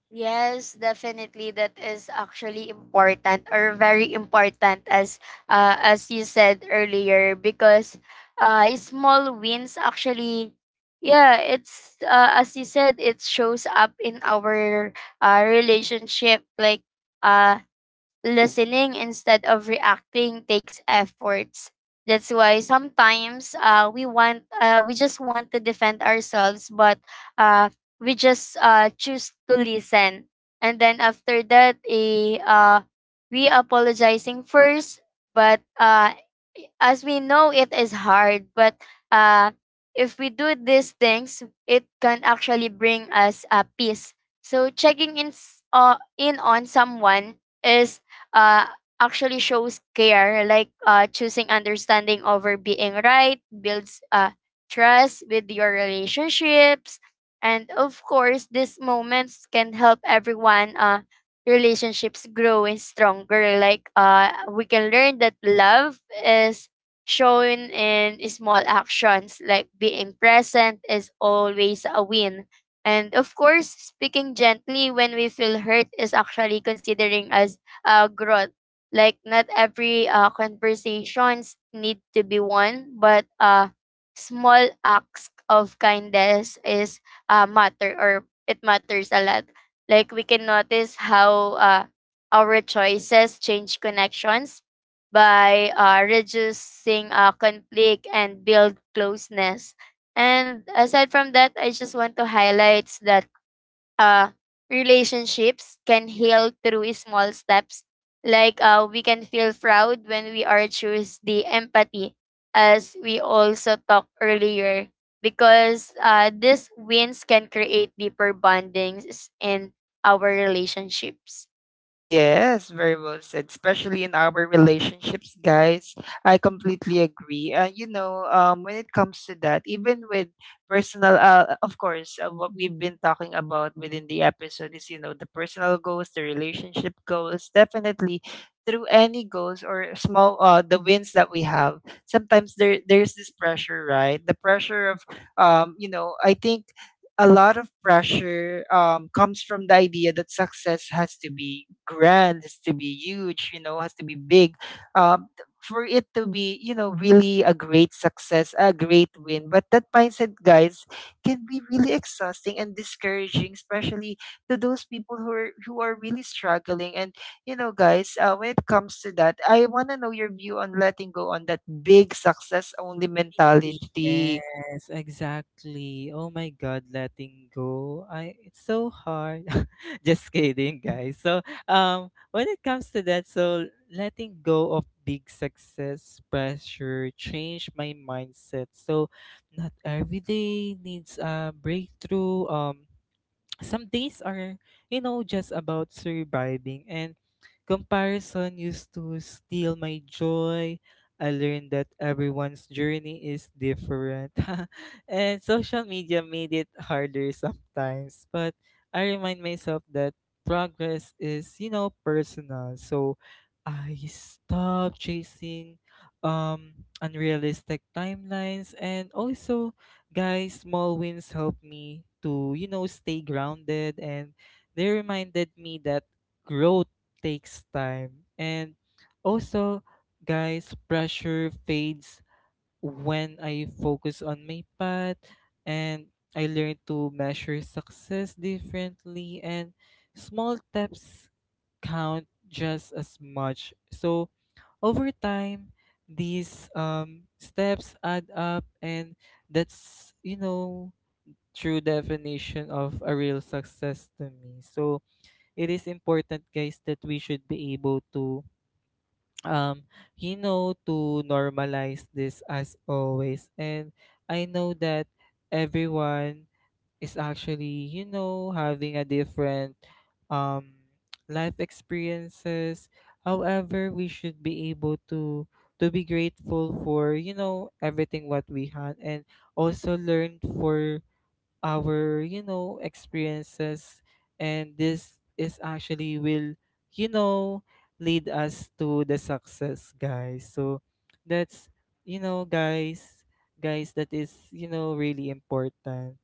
S3: Yes, definitely. That is actually important or very important as uh, as you said earlier, because uh, small wins actually yeah, it's uh, as you said, it shows up in our uh, relationship. Like uh listening instead of reacting takes efforts. That's why sometimes uh we want uh we just want to defend ourselves, but uh we just uh, choose to listen, and then after that eh, uh, we apologizing first, but uh, as we know it is hard. But uh, if we do these things it can actually bring us a peace. So checking in, s- uh, in on someone is uh, actually shows care. Like uh, choosing understanding over being right builds uh, trust with your relationships, and of course, these moments can help everyone uh relationships grow and stronger. Like uh we can learn that love is shown in small actions, like being present is always a win. And of course, speaking gently when we feel hurt is actually considering as a growth. Like not every uh, conversations need to be won, but uh small acts of kindness is uh, matter or it matters a lot. Like we can notice how uh, our choices change connections by uh, reducing uh, conflict and build closeness. And aside from that, I just want to highlight that uh, relationships can heal through small steps. Like uh, we can feel proud when we are choose the empathy, as we also talked earlier, because uh, these wins can create deeper bondings in our relationships.
S1: Yes, very well said. Especially in our relationships, guys. I completely agree. And you know, um, when it comes to that, even with personal, uh, of course, uh, what we've been talking about within the episode is, you know, the personal goals, the relationship goals. Definitely, through any goals or small, uh, the wins that we have, sometimes there there's this pressure, right? The pressure of, um, you know, I think a lot of pressure um, comes from the idea that success has to be grand, has to be huge, you know, has to be big. Um, th- for it to be, you know, really a great success, a great win. But that mindset, guys, can be really exhausting and discouraging, especially to those people who are who are really struggling. And you know, guys, uh, when it comes to that, I want to know your view on letting go on that big success only mentality.
S2: Yes, exactly. Oh my God, letting go. I it's so hard. Just kidding, guys. So, um, when it comes to that, so letting go of big success pressure changed my mindset. So, not every day needs a breakthrough. Um, some days are, you know, just about surviving, and comparison used to steal my joy. I learned that everyone's journey is different and social media made it harder sometimes, but I remind myself that progress is, you know, personal. So I stopped chasing um unrealistic timelines, and also, guys, small wins help me to, you know, stay grounded, and they reminded me that growth takes time. And also, guys, pressure fades when I focus on my path, and I learn to measure success differently, and small steps count just as much. So, over time, these um, steps add up, and that's, you know, true definition of a real success to me. So it is important, guys, that we should be able to, um, you know, to normalize this as always. And I know that everyone is actually, you know, having a different um life experiences. However, we should be able to to be grateful for, you know, everything what we had, and also learn for our, you know, experiences, and this is actually will, you know, lead us to the success, guys. So that's, you know, guys, guys, that is, you know, really important,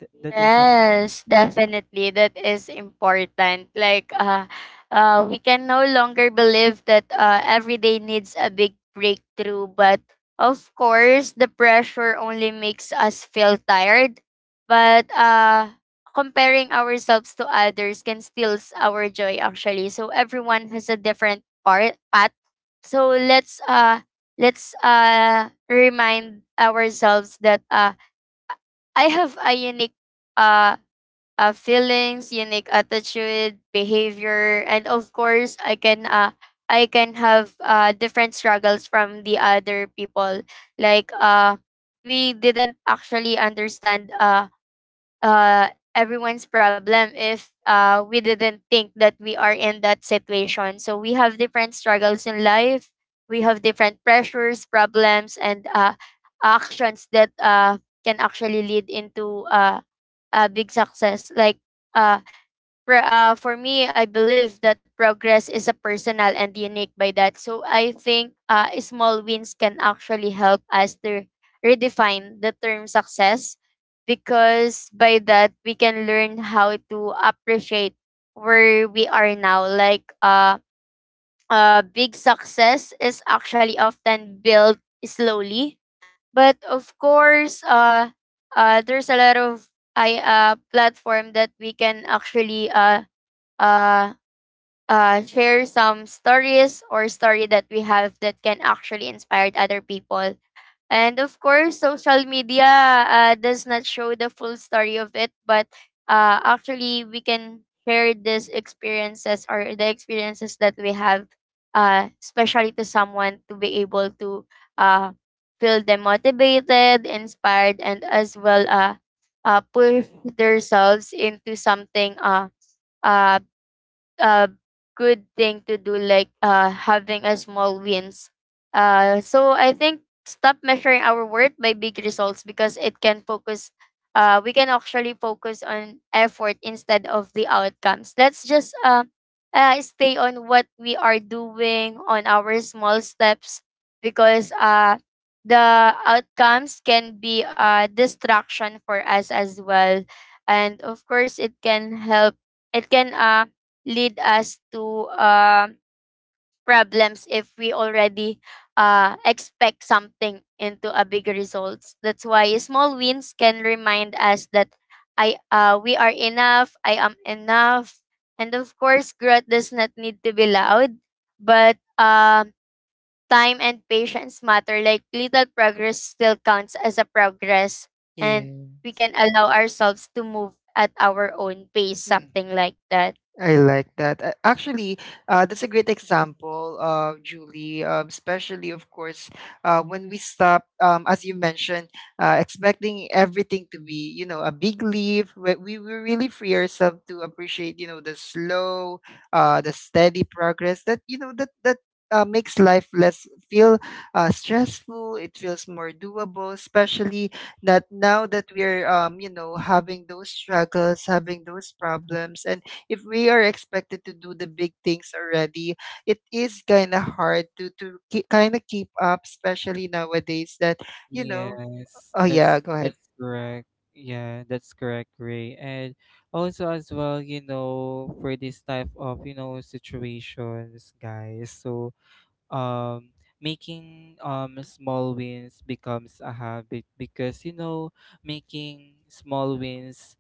S2: th- that is something.
S3: Yes, definitely. That is important. Like, uh, uh, we can no longer believe that uh, every day needs a big breakthrough. But of course, the pressure only makes us feel tired. But uh, comparing ourselves to others can steals our joy, actually. So everyone has a different part path. So let's uh, let's uh, remind ourselves that uh, I have a unique uh uh, feelings, unique attitude, behavior, and of course, I can uh, I can have uh, different struggles from the other people. Like uh, we didn't actually understand uh, uh, everyone's problem if uh, we didn't think that we are in that situation. So we have different struggles in life. We have different pressures, problems, and uh, actions that uh, can actually lead into uh, a big success. Like uh, pro- uh, for me, I believe that progress is a personal and unique by that. So I think uh, small wins can actually help us to redefine the term success, because by that we can learn how to appreciate where we are now. Like uh, uh, big success is actually often built slowly, but of course uh, uh there's a lot of I uh platform that we can actually uh uh uh share some stories or story that we have that can actually inspire other people. And of course, social media uh, does not show the full story of it, but uh, actually, we can share these experiences or the experiences that we have, uh, especially to someone to be able to uh, feel them motivated, inspired, and as well uh, uh, push themselves into something uh, uh, a good thing to do, like uh having a small wins. Uh so I think stop measuring our worth by big results, because it can focus uh we can actually focus on effort instead of the outcomes. Let's just uh, uh stay on what we are doing on our small steps, because uh the outcomes can be a distraction for us as well. And of course it can help, it can uh lead us to uh, problems if we already uh, expect something into a big results. That's why small wins can remind us that I uh, we are enough, I am enough. And of course, growth does not need to be loud, but uh, time and patience matter. Like little progress still counts as a progress, and
S1: Yeah.
S3: we can allow ourselves to move at our own pace,
S1: Mm.
S3: something like that.
S1: I like that. A- Actually, uh, that's a great example, uh, Julie. Um, especially, of course, uh, when we stop, um, as you mentioned, uh, expecting everything to be, you know, a big leap. We, we we really free ourselves to appreciate, you know, the slow, uh, the steady progress that you know that that. Uh, makes life less feel uh, stressful. It feels more doable, especially that now that we're um, you know, having those struggles, having those problems, and if we are expected to do the big things already, it is kind of hard to to kind of keep up, especially nowadays that you know.
S2: Yes,
S1: Oh yeah,
S2: that's
S1: go ahead.
S2: that's correct. Yeah, that's correct, Ray. And also as well, you know, for this type of, you know, situations, guys. So, um, making um small wins becomes a habit because, you know, making small wins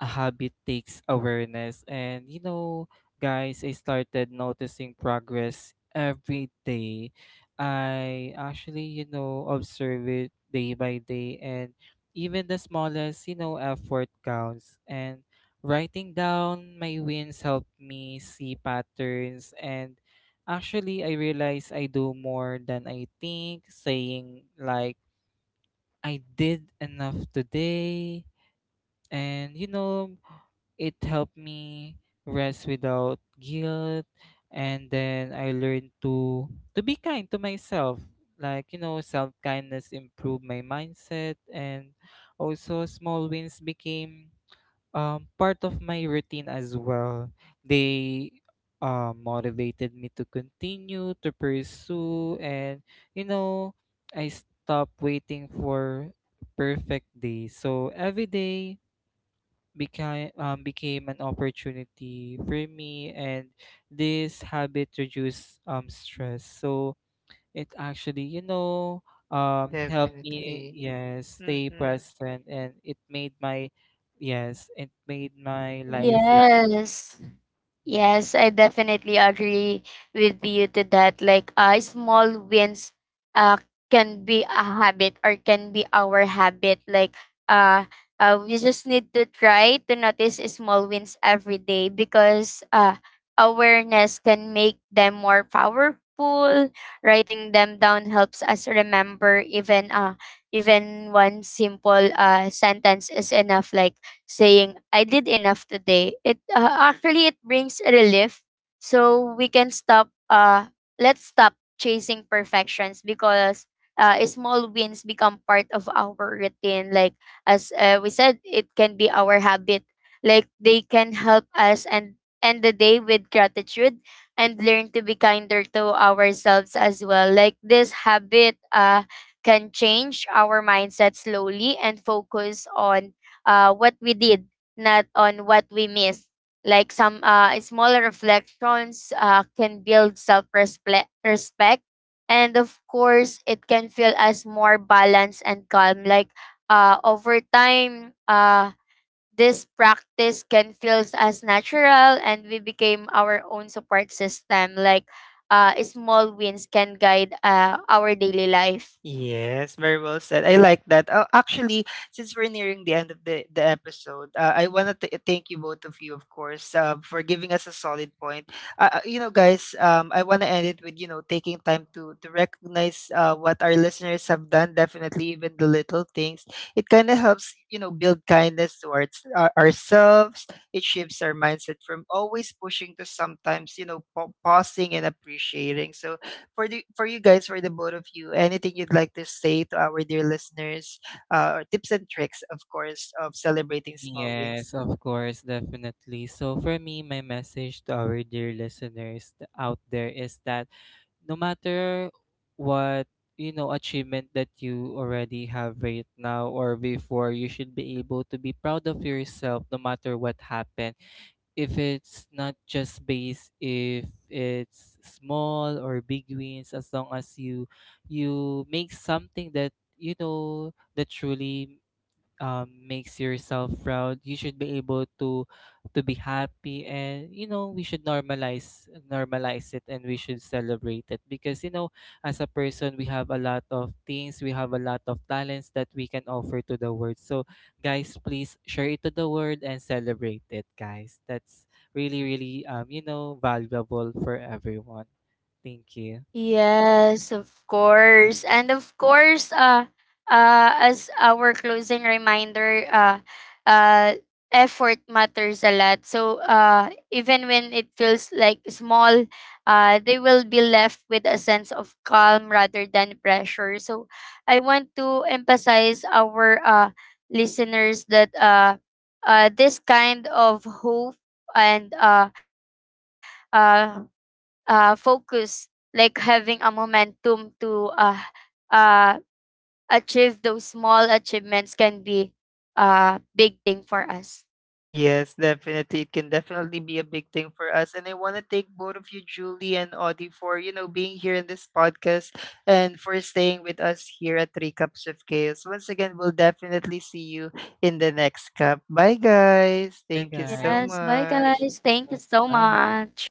S2: a habit takes awareness. And you know, guys, I started noticing progress every day. I actually, you know, observe it day by day, and even the smallest, you know, effort counts. And writing down my wins helped me see patterns, and actually I realize I do more than I think, saying like I did enough today, and you know, it helped me rest without guilt. And then I learned to to be kind to myself. Like, you know, self kindness improved my mindset, and also small wins became um, part of my routine as well. They uh, motivated me to continue to pursue, and you know, I stopped waiting for perfect day, so every day became um, became an opportunity for me. And this habit reduced um stress, so it actually, you know, um
S1: Um, healthy,
S2: helped
S1: definitely, yeah,
S2: me, yes,
S1: staying
S2: stay
S1: mm-hmm, present.
S2: present, and it made my, yes, it made my life like.
S3: Yes. Yes, I definitely agree with you to that. Like, uh, small wins, uh, can be a habit or can be our habit. Like, uh, uh, we just need to try to notice small wins every day, because uh, awareness can make them more powerful. Writing them down helps us remember. Even uh, even one simple uh sentence is enough, like saying I did enough today. It uh, Actually it brings relief, so we can stop uh let's stop chasing perfections, because uh, small wins become part of our routine. Like as uh, we said, it can be our habit. Like they can help us and end the day with gratitude, and learn to be kinder to ourselves as well. Like this habit uh, can change our mindset slowly and focus on uh, what we did, not on what we missed. Like some uh, smaller reflections uh, can build self respect. And of course, it can feel as more balanced and calm. Like uh, over time, uh, this practice can feel as natural, and we became our own support system. Like uh, small wins can guide uh, our daily life.
S1: Yes, very well said. I like that. Uh, actually, since we're nearing the end of the, the episode, uh, I want to thank you both of you, of course, uh, for giving us a solid point. Uh, uh, you know, guys, um, I want to end it with, you know, taking time to, to recognize uh, what our listeners have done, definitely, even the little things. It kind of helps, you know, build kindness towards our, ourselves. It shifts our mindset from always pushing to sometimes, you know, pa- pausing and appreciating. So, for the for you guys, for the both of you, anything you'd like to say to our dear listeners, uh, or tips and tricks, of course, of celebrating small
S2: Yes,
S1: wins.
S2: of course, definitely. So for me, my message to our dear listeners th- out there is that no matter what, you know, achievement that you already have right now or before, you should be able to be proud of yourself, no matter what happened. If it's not just based, if it's small or big wins, as long as you, you make something that, you know, that truly um, makes yourself proud, you should be able to to be happy. And you know, we should normalize, normalize it, and we should celebrate it because, you know, as a person, we have a lot of things, we have a lot of talents that we can offer to the world. So guys, please share it to the world and celebrate it, guys. That's really, really, um you know, valuable for everyone. Thank you.
S3: Yes, of course. And of course, uh, uh, as our closing reminder, uh, uh, effort matters a lot. So uh, even when it feels like small, uh, they will be left with a sense of calm rather than pressure. So I want to emphasize our uh, listeners that uh, uh, this kind of hope and uh, uh, uh, focus, like having a momentum to uh, uh, achieve those small achievements can be a big thing for us.
S1: Yes, definitely. It can definitely be a big thing for us. And I want to thank both of you, Julie and Audie, for, you know, being here in this podcast and for staying with us here at Three Cups of Chaos. Once again, we'll definitely see you in the next cup. Bye, guys.
S2: Bye,
S1: Thank you
S2: guys.
S1: so
S3: Yes, bye
S2: Thank
S1: much.
S3: guys. Thank you
S2: you.
S3: so
S2: Bye.
S3: much.